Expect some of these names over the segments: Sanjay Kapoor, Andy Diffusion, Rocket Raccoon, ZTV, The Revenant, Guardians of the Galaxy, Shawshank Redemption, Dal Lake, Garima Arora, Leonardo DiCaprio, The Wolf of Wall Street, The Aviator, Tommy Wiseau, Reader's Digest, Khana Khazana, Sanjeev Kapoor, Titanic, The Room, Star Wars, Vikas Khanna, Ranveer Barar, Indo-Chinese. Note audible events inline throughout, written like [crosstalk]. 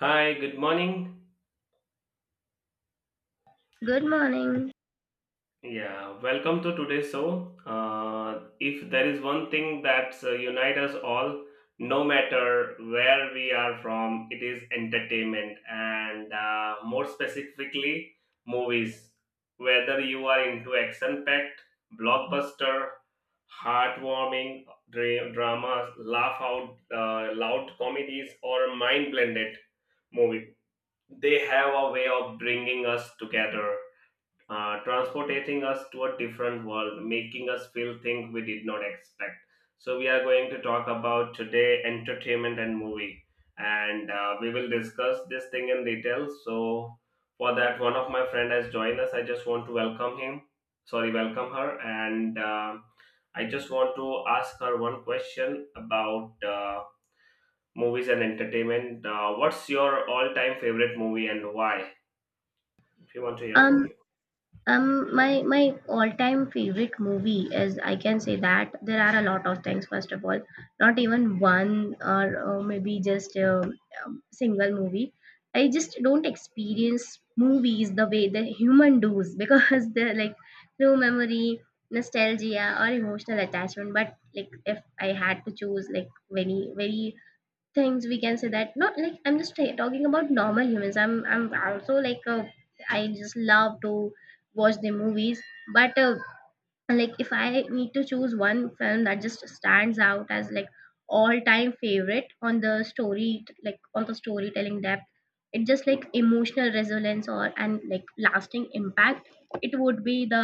Hi, good morning. Good morning. Yeah, welcome to today's show. If there is one thing that unites us all, no matter where we are from, it is entertainment and more specifically, movies. Whether you are into action packed, blockbuster, heartwarming dramas, laugh out loud comedies, or mind blended movie, they have a way of bringing us together, transporting us to a different world, making us feel things we did not expect. So we are going to talk about today entertainment and movie, and we will discuss this thing in detail. So for that, one of my friend has joined us. I just want to welcome him. Sorry, welcome her, and I just want to ask her one question about movies and entertainment. What's your all-time favorite movie and why? If you want to hear from Um, you. my all-time favorite movie is I can say that there are a lot of things. First of all, not even one or maybe just a single movie. I just don't experience movies the way the human does [laughs] because they're like through memory, nostalgia, or emotional attachment. But like if I had to choose like very things we can say that not like talking about normal humans. I'm also like a, I just love to watch the movies but and, like if I need to choose one film that just stands out as like all time favorite on the story, like on the storytelling depth, it just like emotional resonance or and like lasting impact, it would be the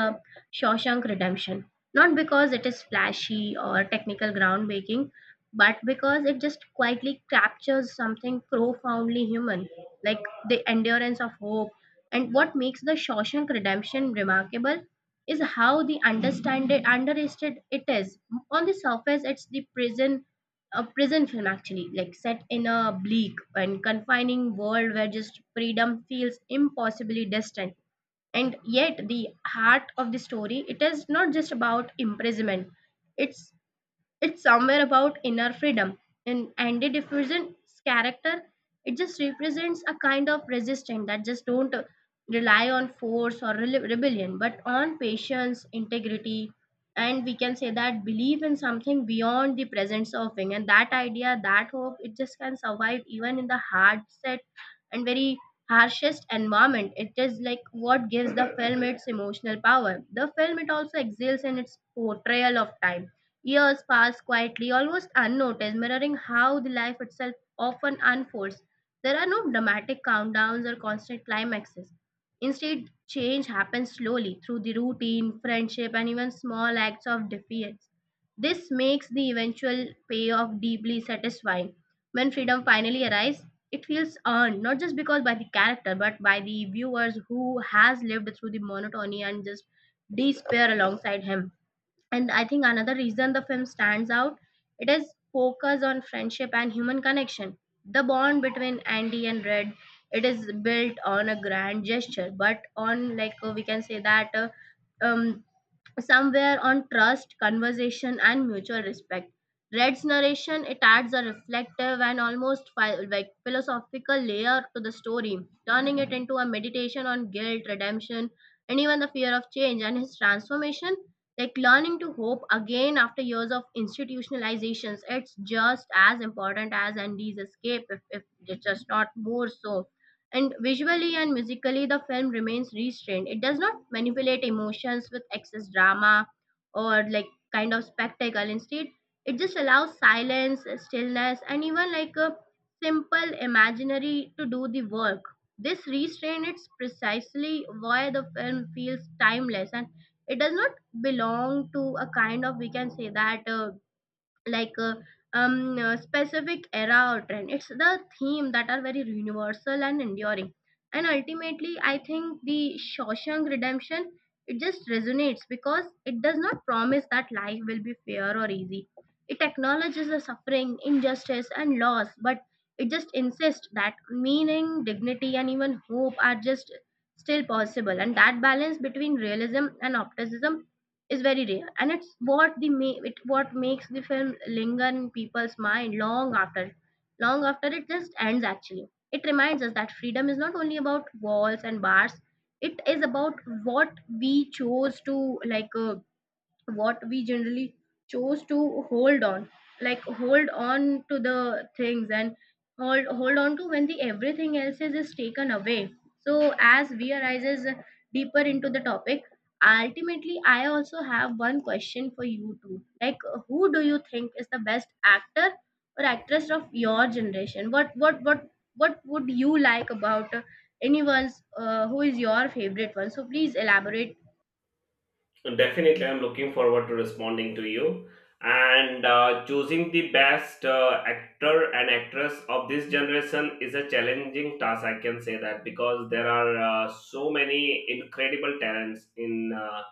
Shawshank Redemption, not because it is flashy or technical groundbreaking, but because it just quietly captures something profoundly human, like the endurance of hope. And what makes the Shawshank Redemption remarkable is how underrated it is. On the surface, it's the prison a prison film actually, like set in a bleak and confining world where just freedom feels impossibly distant. And yet the heart of the story, it is not just about imprisonment. It's it's somewhere about inner freedom. In Andy Diffusion's character, it just represents a kind of resistance that just don't rely on force or rebellion, but on patience, integrity, and we can say that belief in something beyond the present surfing. And that idea, that hope, it just can survive even in the hard set and very harshest environment. It is like what gives the film its emotional power. The film, it also excels in its portrayal of time. Years pass quietly, almost unnoticed, mirroring how the life itself often unfolds. There are no dramatic countdowns or constant climaxes. Instead, change happens slowly through the routine friendship and even small acts of defiance. This makes the eventual payoff deeply satisfying. When freedom finally arrives, it feels earned, not just because by the character but by the viewers who has lived through the monotony and just despair alongside him. And I think another reason the film stands out, it is focus on friendship and human connection. The bond between Andy and Red, it is built on a grand gesture but on we can say that um somewhere on trust, conversation, and mutual respect. Red's narration, it adds a reflective and almost like philosophical layer to the story, turning it into a meditation on guilt, redemption, and even the fear of change and his transformation. Like learning to hope again after years of institutionalizations, it's just as important as Andy's escape, if it's just not more so. And visually and musically, the film remains restrained. It does not manipulate emotions with excess drama or like kind of spectacle. Instead, it just allows silence, stillness, and even like a simple imaginary to do the work. This restraint is precisely why the film feels timeless, and it does not belong to a kind of, we can say that, like uh, specific era or trend. It's the theme that are very universal and enduring. And ultimately I think the Shawshank Redemption, it just resonates because it does not promise that life will be fair or easy. It acknowledges the suffering, injustice and loss, but it just insists that meaning, dignity and even hope are just still possible. And that balance between realism and optimism is very rare, and it's what it what makes the film linger in people's mind long after. Long after it just ends actually. It reminds us that freedom is not only about walls and bars. It is about what we chose to, like uh, what we generally chose to hold on, like hold on to the things, and hold on to when the everything else is taken away. So as we arises deeper into the topic, ultimately I also have one question for you too. Like who do you think is the best actor or actress of your generation? What would you like about anyone's who is your favorite one? So please elaborate. So, definitely, I'm looking forward to responding to you, and choosing the best actor and actress of this generation is a challenging task. I can say that, because there are so many incredible talents in,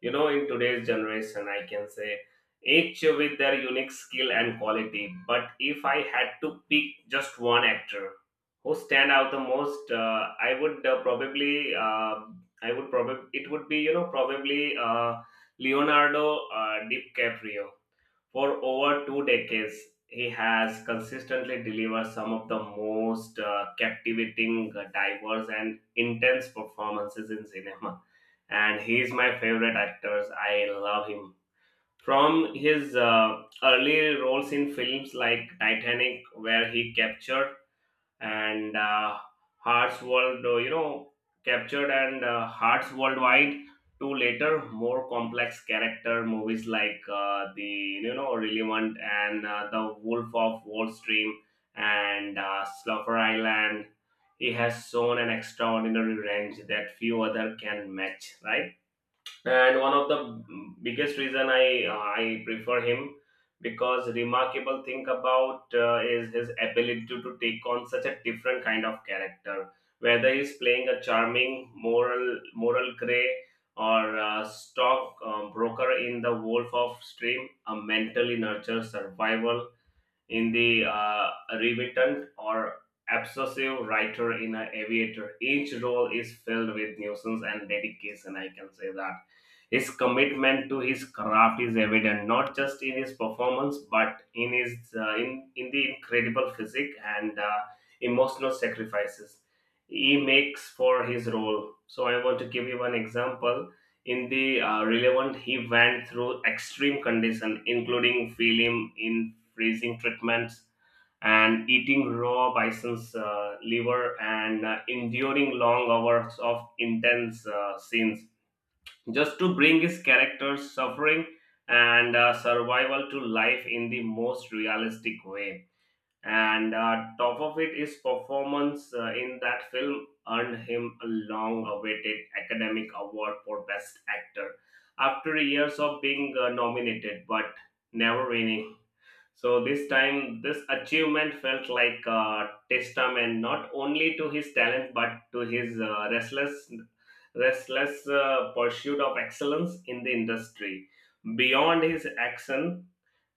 you know, in today's generation, I can say, each with their unique skill and quality. But if I had to pick just one actor who stand out the most, I would, I would probably, it would be, you know, probably Leonardo DiCaprio. For over 2 decades, he has consistently delivered some of the most captivating, diverse, and intense performances in cinema. And he is my favorite actor. I love him. From his early roles in films like Titanic, where he captured and hearts world you know, captured and hearts worldwide, to later more complex character movies like the, Relevant, and The Wolf of Wall Street, and Slaughter Island, he has shown an extraordinary range that few other can match, right? And one of the biggest reason I prefer him, because remarkable thing about is his ability to take on such a different kind of character. Whether he's playing a charming moral gray, or a stock broker in The Wolf of Stream, a mentally nurtured survival in the Remittent, or obsessive writer in an Aviator. Each role is filled with nuisance and dedication, I can say that. His commitment to his craft is evident not just in his performance, but in his in the incredible physique and emotional sacrifices he makes for his role. So I want to give you one example. In the Relevant, he went through extreme conditions, including film in freezing treatments and eating raw bison's liver, and enduring long hours of intense scenes, just to bring his character's suffering and survival to life in the most realistic way. And top of it, is performance in that film earned him a long-awaited academic award for best actor, after years of being nominated but never winning. So this time, this achievement felt like a testament not only to his talent, but to his restless pursuit of excellence in the industry. Beyond his action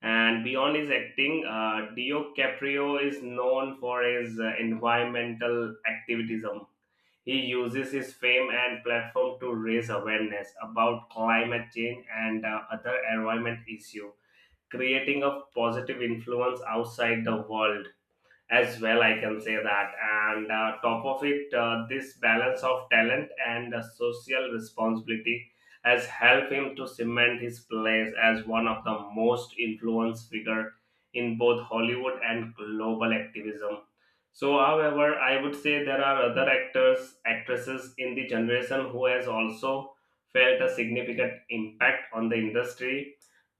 and beyond his acting, Dio Caprio is known for his environmental activism. He uses his fame and platform to raise awareness about climate change and other environment issues, creating a positive influence outside the world as well, I can say that. And top of it, this balance of talent and social responsibility has helped him to cement his place as one of the most influenced figure in both Hollywood and global activism. So however, I would say there are other actors, actresses in the generation who has also felt a significant impact on the industry,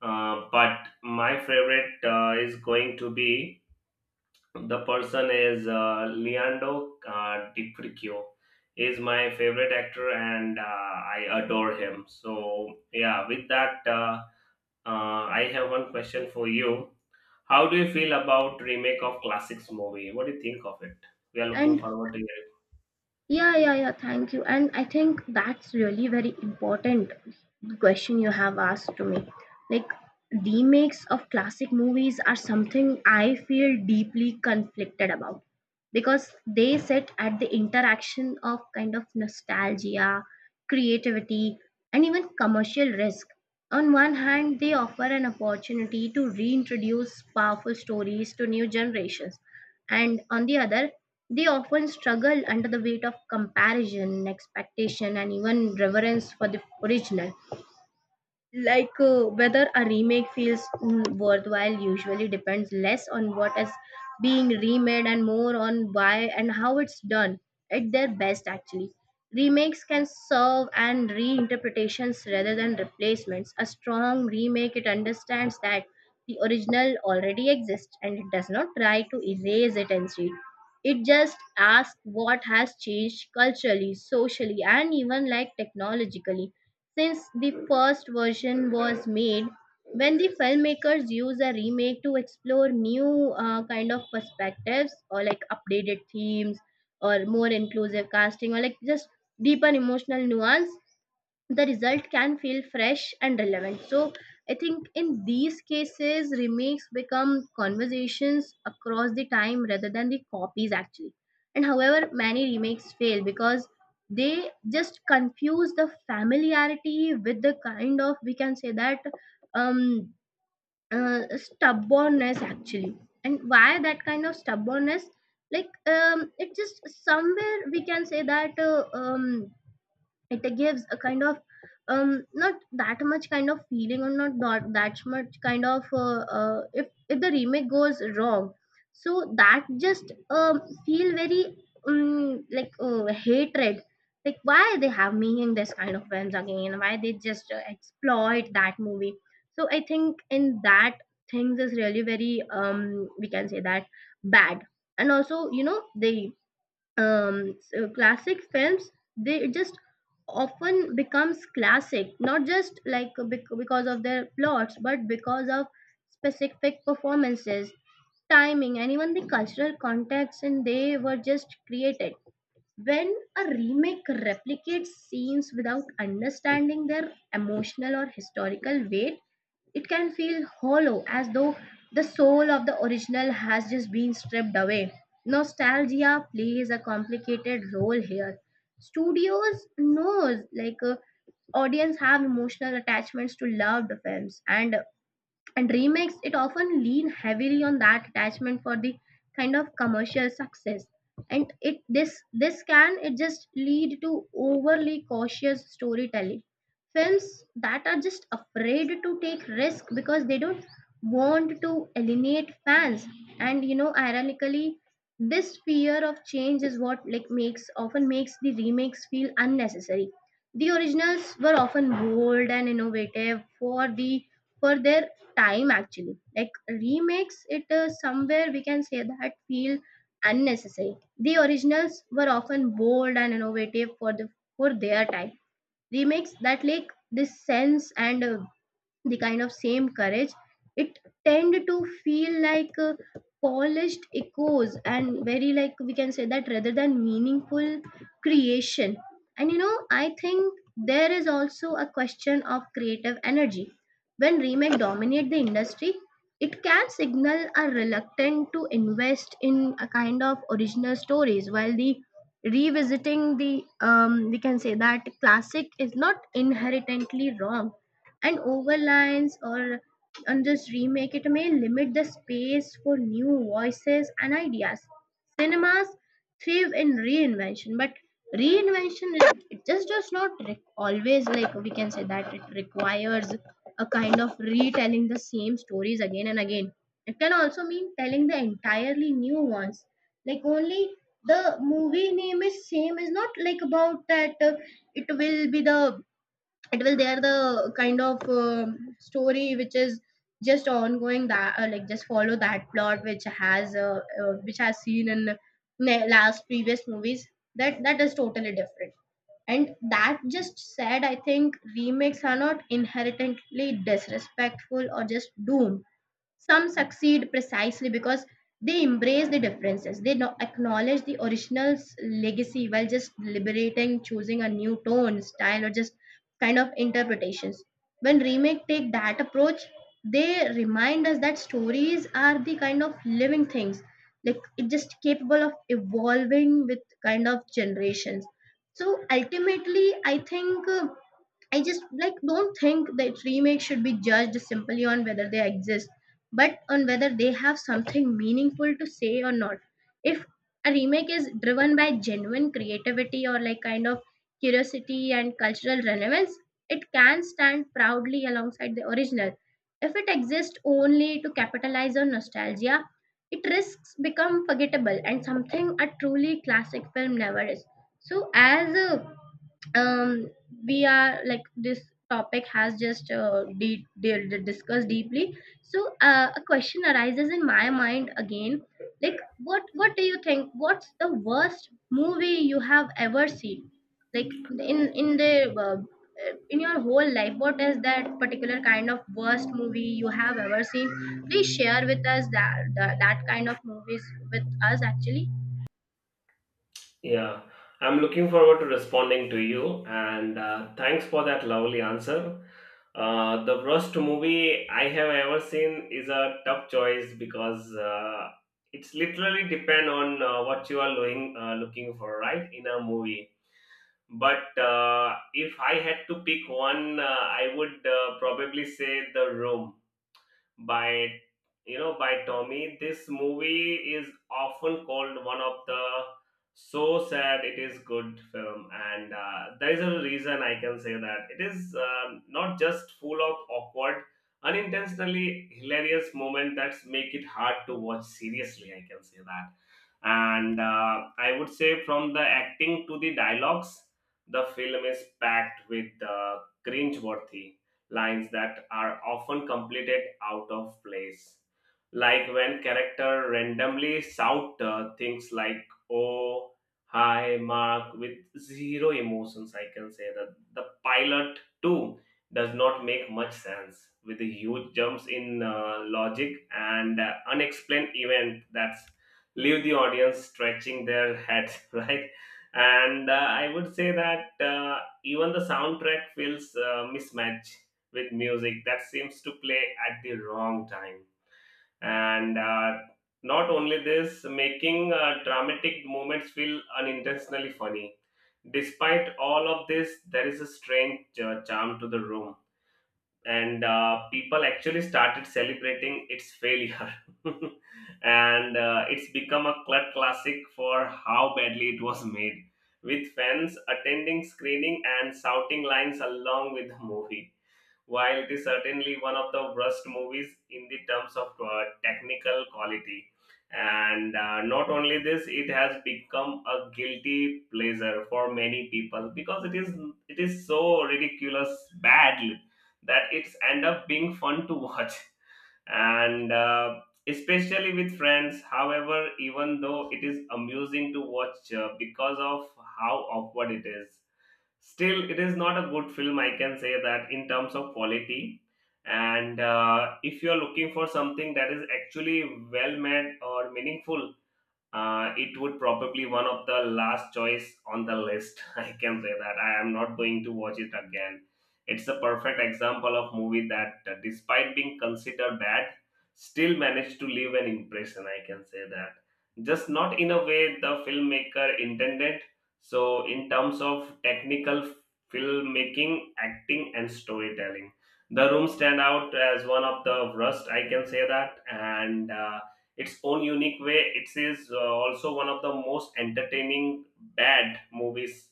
but my favorite is going to be, the person is Leandro DiPricchio. Is my favorite actor and I adore him. So yeah, with that, I have one question for you. How do you feel about remake of classics movie? What do you think of it? We are looking And forward to hearing. yeah, yeah, yeah, thank you. And I think that's really very important question you have asked to me. Like remakes of classic movies are something I feel deeply conflicted about, because they sit at the interaction of kind of nostalgia, creativity, and even commercial risk. On one hand, they offer an opportunity to reintroduce powerful stories to new generations, and on the other they often struggle under the weight of comparison, expectation and even reverence for the original. Whether a remake feels worthwhile usually depends less on what is being remade and more on why and how it's done. At their best actually, remakes can serve and reinterpretations rather than replacements. A strong remake, it understands that the original already exists, and it does not try to erase it. Instead, it just asks what has changed culturally, socially and even like technologically since the first version was made, when the filmmakers use a remake to explore new kind of perspectives or like updated themes or more inclusive casting or like just deeper emotional nuance, the result can feel fresh and relevant. So I think in these cases, remakes become conversations across the time rather than the copies actually. And however, many remakes fail because they just confuse the familiarity with the kind of, we can say that, um, stubbornness actually. And why that kind of stubbornness? It just somewhere we can say that it gives a kind of not that much kind of feeling or not that, that much kind of if the remake goes wrong, so that just feel very hatred, like why they have making this kind of films again, why they just exploit that movie. So I think in that things is really very we can say that bad. And also you know they, so classic films, they just often becomes classic not just like because of their plots, but because of specific performances, timing and even the cultural context, and they were just created. When a remake replicates scenes without understanding their emotional or historical weight, it can feel hollow, as though the soul of the original has just been stripped away. Nostalgia plays a complicated role here. Studios knows audience have emotional attachments to loved films, and remakes, it often lean heavily on that attachment for the kind of commercial success. And it this can it just lead to overly cautious storytelling, films that are just afraid to take risk because they don't want to alienate fans. And you know, ironically, this fear of change is what like makes often makes the remakes feel unnecessary. The originals were often bold and innovative for the for their time actually. Like remakes it somewhere we can say that feel unnecessary. The originals were often bold and innovative for the for their time. Remakes that lack this sense and the kind of same courage, it tend to feel polished echoes and very like we can say that rather than meaningful creation. And you know, I think there is also a question of creative energy. When remake dominate the industry, it can signal a reluctant to invest in a kind of original stories. While the revisiting the we can say that classic is not inherently wrong, and overlines or and just remake it may limit the space for new voices and ideas. Cinemas thrive in reinvention, but reinvention it just does not always like we can say that it requires a kind of retelling the same stories again and again. It can also mean telling the entirely new ones. Like only the movie name is same is not like about that it will be the it will there the kind of story which is just ongoing that like just follow that plot which has seen in last previous movies. That is totally different. And that just said, I think remakes are not inherently disrespectful or just doomed. Some succeed precisely because they embrace the differences. They acknowledge the original's legacy while just liberating choosing a new tone, style or just kind of interpretations. When remake take that approach, they remind us that stories are the kind of living things, like it just capable of evolving with kind of generations. So ultimately I think I just like don't think that remakes should be judged simply on whether they exist, but on whether they have something meaningful to say or not. If a remake is driven by genuine creativity or like kind of curiosity and cultural relevance, it can stand proudly alongside the original. If it exists only to capitalize on nostalgia, it risks become forgettable and something a truly classic film never is. So as a um we are like this topic has just discussed deeply, so a question arises in my mind again, like what do you think, what's the worst movie you have ever seen, like in the uh, in your whole life, what is that particular kind of worst movie you have ever seen? Please share with us that that kind of movies with us actually. Yeah, I'm looking forward to responding to you, and thanks for that lovely answer. The worst movie I have ever seen is a tough choice, because it's literally depend on, what you are doing, looking for, right, in a movie. But if I had to pick one, I would probably say The Room, by you know by Tommy. This movie is often called one of the so sad it is good film, and there is a reason, I can say that. It is not just full of awkward, unintentionally hilarious moment that make it hard to watch seriously, I can say that. And I would say, from the acting to the dialogues, the film is packed with cringe worthy lines that are often completed out of place. Like when character randomly shout things like, "Oh, hi, Mark," with zero emotions, I can say that. The pilot too does not make much sense, with the huge jumps in logic, and unexplained event that leave the audience stretching their heads, [laughs] right? And I would say that even the soundtrack feels mismatch, with music that seems to play at the wrong time. And not only this, making dramatic moments feel unintentionally funny. Despite all of this, there is a strange charm to The Room, and people actually started celebrating its failure. [laughs] And it's become a cult classic for how badly it was made, with fans attending screening and shouting lines along with the movie. While it is certainly one of the worst movies in the terms of technical quality, and not only this, it has become a guilty pleasure for many people, because it is so ridiculous, badly, that it's end up being fun to watch, [laughs] and especially with friends. However, even though it is amusing to watch, because of how awkward it is, still it is not a good film, I can say that, in terms of quality. And if you are looking for something that is actually well made or meaningful, it would probably one of the last choice on the list. [laughs] I can say that I am not going to watch it again. It's a perfect example of movie that, despite being considered bad, still managed to leave an impression, I can say that, just not in a way the filmmaker intended. So in terms of technical filmmaking, acting, and storytelling, The Room stand out as one of the worst, I can say that, and its own unique way it is also one of the most entertaining bad movies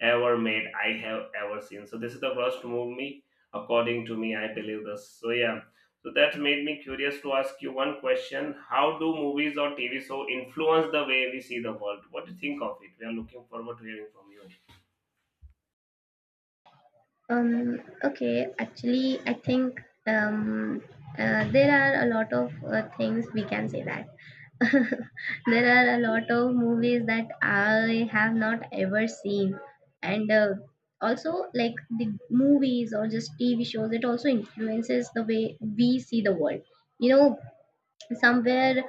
ever made, I have ever seen. So this is the worst movie, according to me, I believe this. So yeah, so that made me curious to ask you one question. How do movies or TV show influence the way we see the world? What do you think of it? We are looking forward to hearing from you. Okay, actually, I think um, there are a lot of things we can say that. [laughs] There are a lot of movies that I have not ever seen, and also like the movies or just TV shows, it also influences the way we see the world. You know, somewhere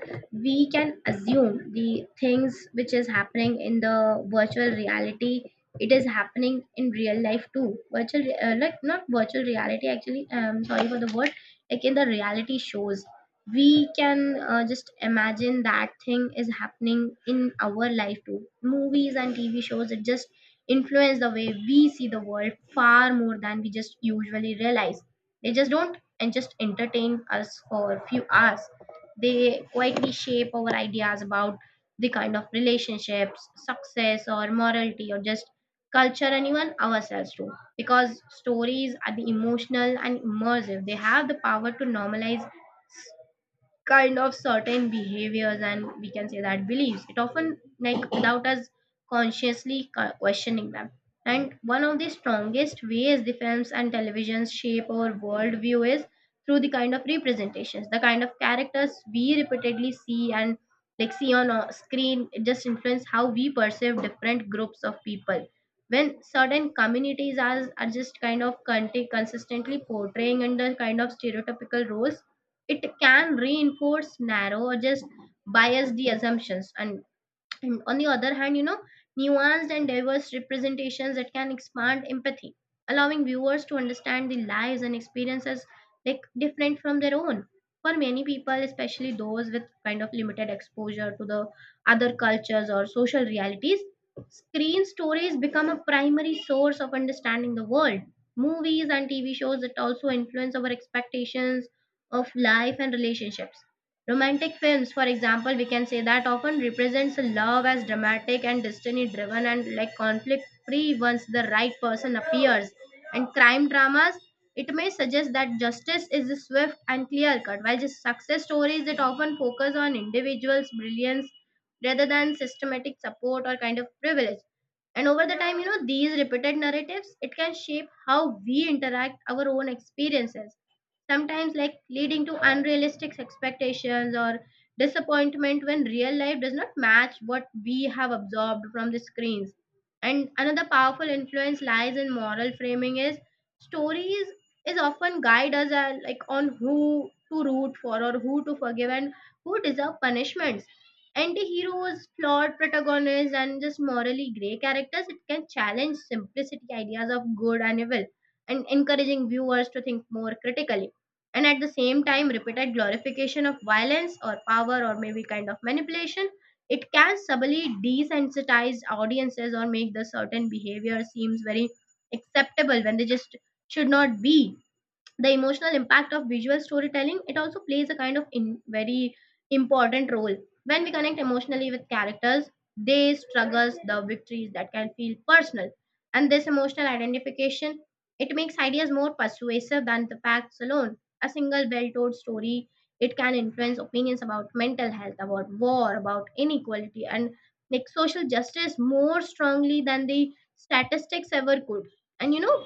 we can assume the things which is happening in the virtual reality, it is happening in real life too. Like, not virtual reality actually, sorry for the word, like in the reality shows, we can just imagine that thing is happening in our life too. Movies and TV shows, it just influence the way we see the world far more than we just usually realize. They just don't and just entertain us for a few hours, they quietly shape our ideas about the kind of relationships, success, or morality, or just culture, and even ourselves too. Because stories are the emotional and immersive, they have the power to normalize kind of certain behaviors and we can say that beliefs, it often like without us consciously questioning them. And one of the strongest ways the films and televisions shape our worldview is through the kind of representations, the kind of characters we repeatedly see and like see on a screen, it just influence how we perceive different groups of people. When certain communities are just kind of consistently portraying under kind of stereotypical roles, it can reinforce narrow or just bias the assumptions. And on the other hand, you know, nuanced and diverse representations that can expand empathy, allowing viewers to understand the lives and experiences like different from their own. For many people, especially those with kind of limited exposure to the other cultures or social realities, screen stories become a primary source of understanding the world. Movies and TV shows that also influence our expectations of life and relationships. Romantic films, for example, we can say that often represents love as dramatic and destiny driven and like conflict free once the right person appears. And crime dramas, it may suggest that justice is swift and clear cut, while just success stories it often focus on individuals' brilliance rather than systematic support or kind of privilege. And over the time, you know, these repeated narratives, it can shape how we interact our own experiences, sometimes like leading to unrealistic expectations or disappointment when real life does not match what we have absorbed from the screens. And another powerful influence lies in moral framing, is stories is often guide us like on who to root for or who to forgive and who deserve punishments. Anti-heroes, flawed protagonists and just morally gray characters, it can challenge simplicity ideas of good and evil and encouraging viewers to think more critically. And at the same time, repeated glorification of violence or power or maybe kind of manipulation, it can subtly desensitize audiences or make the certain behavior seems very acceptable when they just should not be. The emotional impact of visual storytelling, it also plays a kind of in very important role. When we connect emotionally with characters, they struggles, the victories, that can feel personal. And this emotional identification, it makes ideas more persuasive than the facts alone. A single well-told story, it can influence opinions about mental health, about war, about inequality and like social justice more strongly than the statistics ever could. And you know,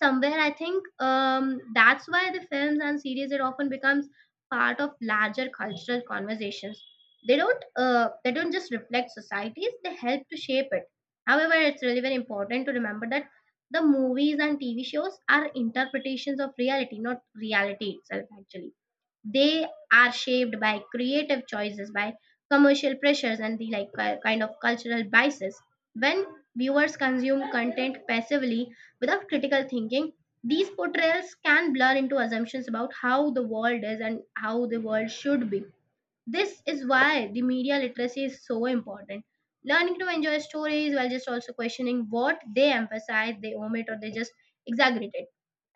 somewhere I think that's why the films and series, it often becomes part of larger cultural conversations. They don't they don't just reflect societies, they help to shape it. However, it's really very important to remember that the movies and TV shows are interpretations of reality, not reality itself actually. They are shaped by creative choices, by commercial pressures and the like kind of cultural biases. When viewers consume content passively without critical thinking, these portrayals can blur into assumptions about how the world is and how the world should be. This is why the media literacy is so important. Learning to enjoy stories while just also questioning what they emphasize, they omit, or they just exaggerate it.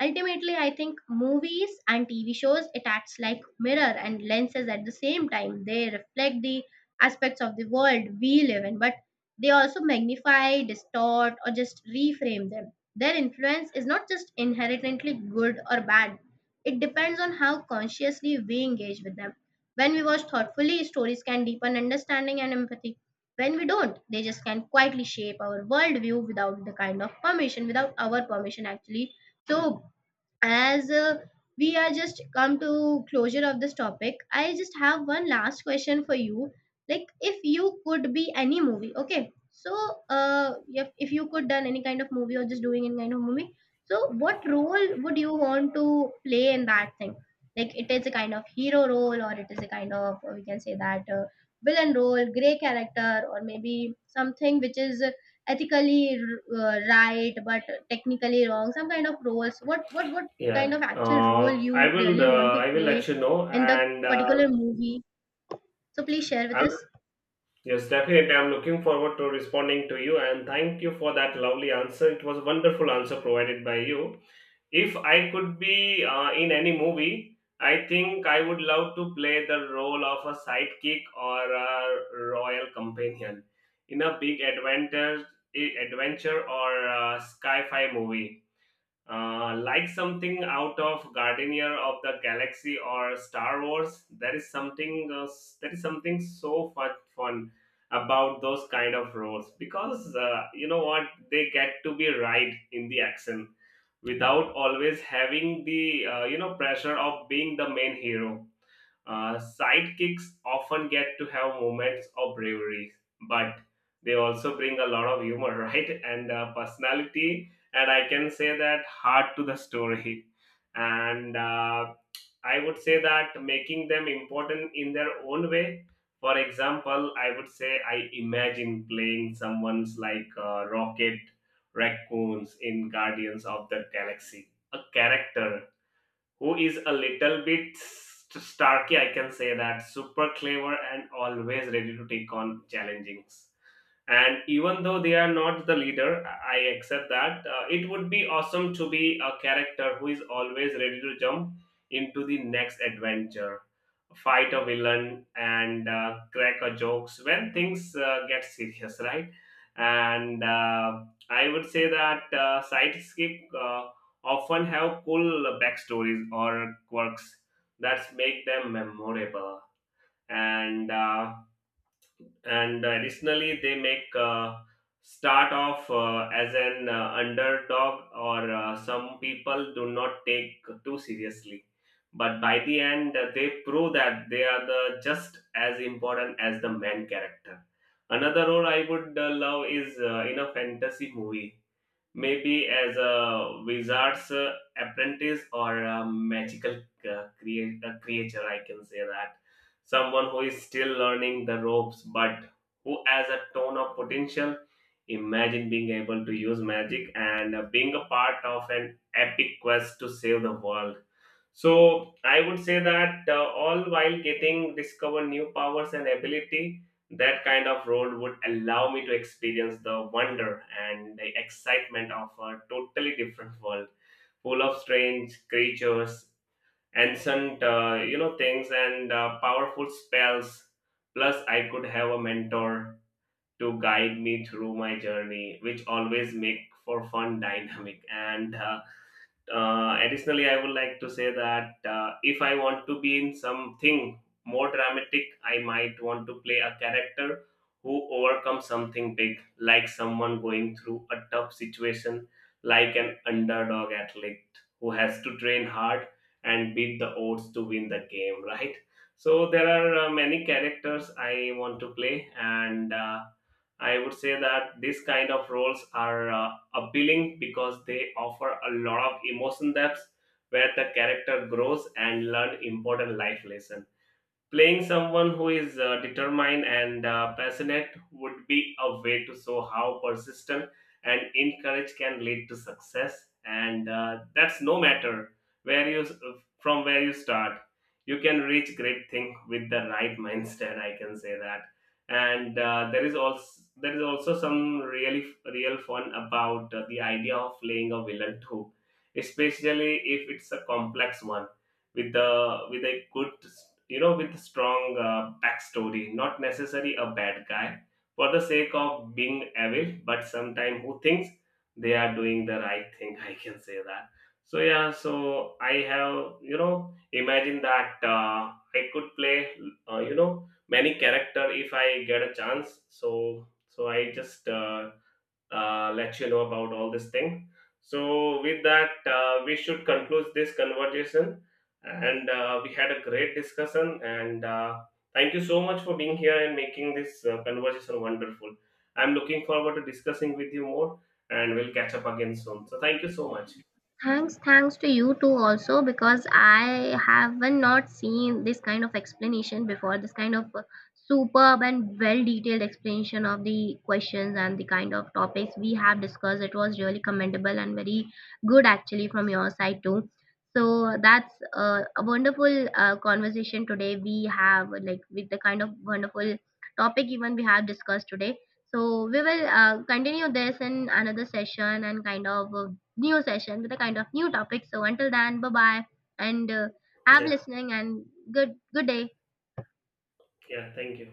Ultimately, I think movies and TV shows it acts like mirror and lenses at the same time. They reflect the aspects of the world we live in, but they also magnify, distort, or just reframe them. Their influence is not just inherently good or bad. It depends on how consciously we engage with them. When we watch thoughtfully, stories can deepen understanding and empathy. When we don't, they just can quietly shape our worldview without the kind of permission, without our permission. Actually. So as we are just come to closure of this topic, I just have one last question for you, like if you could be any movie, okay. So if you could done any kind of movie or just doing any kind of movie, so what role would you want to play in that thing? Like, it is a kind of hero role or it is a kind of we can say that villain role, gray character, or maybe something which is ethically right but technically wrong, some kind of roles, what what Yeah, kind of actual role i you will really want uh, to i will let play you know, in the and particular movie? So please share with I'm us. yes, definitely. I'm looking forward to responding to you, and thank you for that lovely answer. It was a wonderful answer provided by you. If I could be in any movie, I think I would love to play the role of a sidekick or a royal companion in a big adventure or sci-fi movie. Like something out of Guardian of the Galaxy or Star Wars, there is something, there is something so fun about those kind of roles, because you know what, they get to be right in the action, without always having the pressure of being the main hero. Sidekicks often get to have moments of bravery, but they also bring a lot of humor, [laughs] right? And personality, and I can say that, heart to the story. And I would say that, making them important in their own way. For example, I would say I imagine playing someone's like Rocket Raccoons in Guardians of the Galaxy, a character who is a little bit starky, I can say that, super clever and always ready to take on challenges. And even though they are not the leader, I accept that. It would be awesome to be a character who is always ready to jump into the next adventure, fight a villain, and crack a jokes when things get serious, right? And I would say that, sidekicks often have cool backstories or quirks that make them memorable. And and additionally, they make start off as an underdog, or some people do not take too seriously, but by the end they prove that they are the just as important as the main character. Another role I would love is in a fantasy movie. Maybe as a wizard's apprentice, or a magical creature, I can say that. Someone who is still learning the ropes, but who has a ton of potential. Imagine being able to use magic and being a part of an epic quest to save the world. So I would say that, all while getting discover new powers and ability, that kind of role would allow me to experience the wonder and the excitement of a totally different world, full of strange creatures, ancient, you know, things, and powerful spells. Plus, I could have a mentor to guide me through my journey, which always make for fun, [laughs] dynamic and. Additionally, I would like to say that, if I want to be in something more dramatic, I might want to play a character who overcomes something big, like someone going through a tough situation, like an underdog athlete who has to train hard and beat the odds to win the game, right? So, there are many characters I want to play, and I would say that these kind of roles are appealing, because they offer a lot of emotion depth, where the character grows and learn important life lessons. Playing someone who is determined and passionate, would be a way to show how persistent and encourage can lead to success. And that's no matter where you from where you start, you can reach great thing with the right mindset, I can say that. And there is also some real fun about the idea of playing a villain too, especially if it's a complex one, with a good, you know, with strong backstory, not necessarily a bad guy for the sake of being evil, but sometime who thinks they are doing the right thing, [laughs] I can say that. So yeah, so I have, you know, imagine that I could play you know, many character if I get a chance. So I just, let you know about all this thing. So, with that, we should conclude this conversation. And we had a great discussion. And thank you so much for being here and making this conversation wonderful. I'm looking forward to discussing with you more, and we'll catch up again soon. So, thank you so much. Thanks, thanks to you too also because I haven't not seen this kind of explanation before. This kind of superb and well detailed explanation of the questions and the kind of topics we have discussed. It was really commendable and very good actually from your side too. So that's a wonderful conversation today we have like with the kind of wonderful topic even we have discussed today. So we will continue this in another session and kind of a new session with a kind of new topic. So until then, bye bye, and have Yeah, listening and good day. yeah, thank you.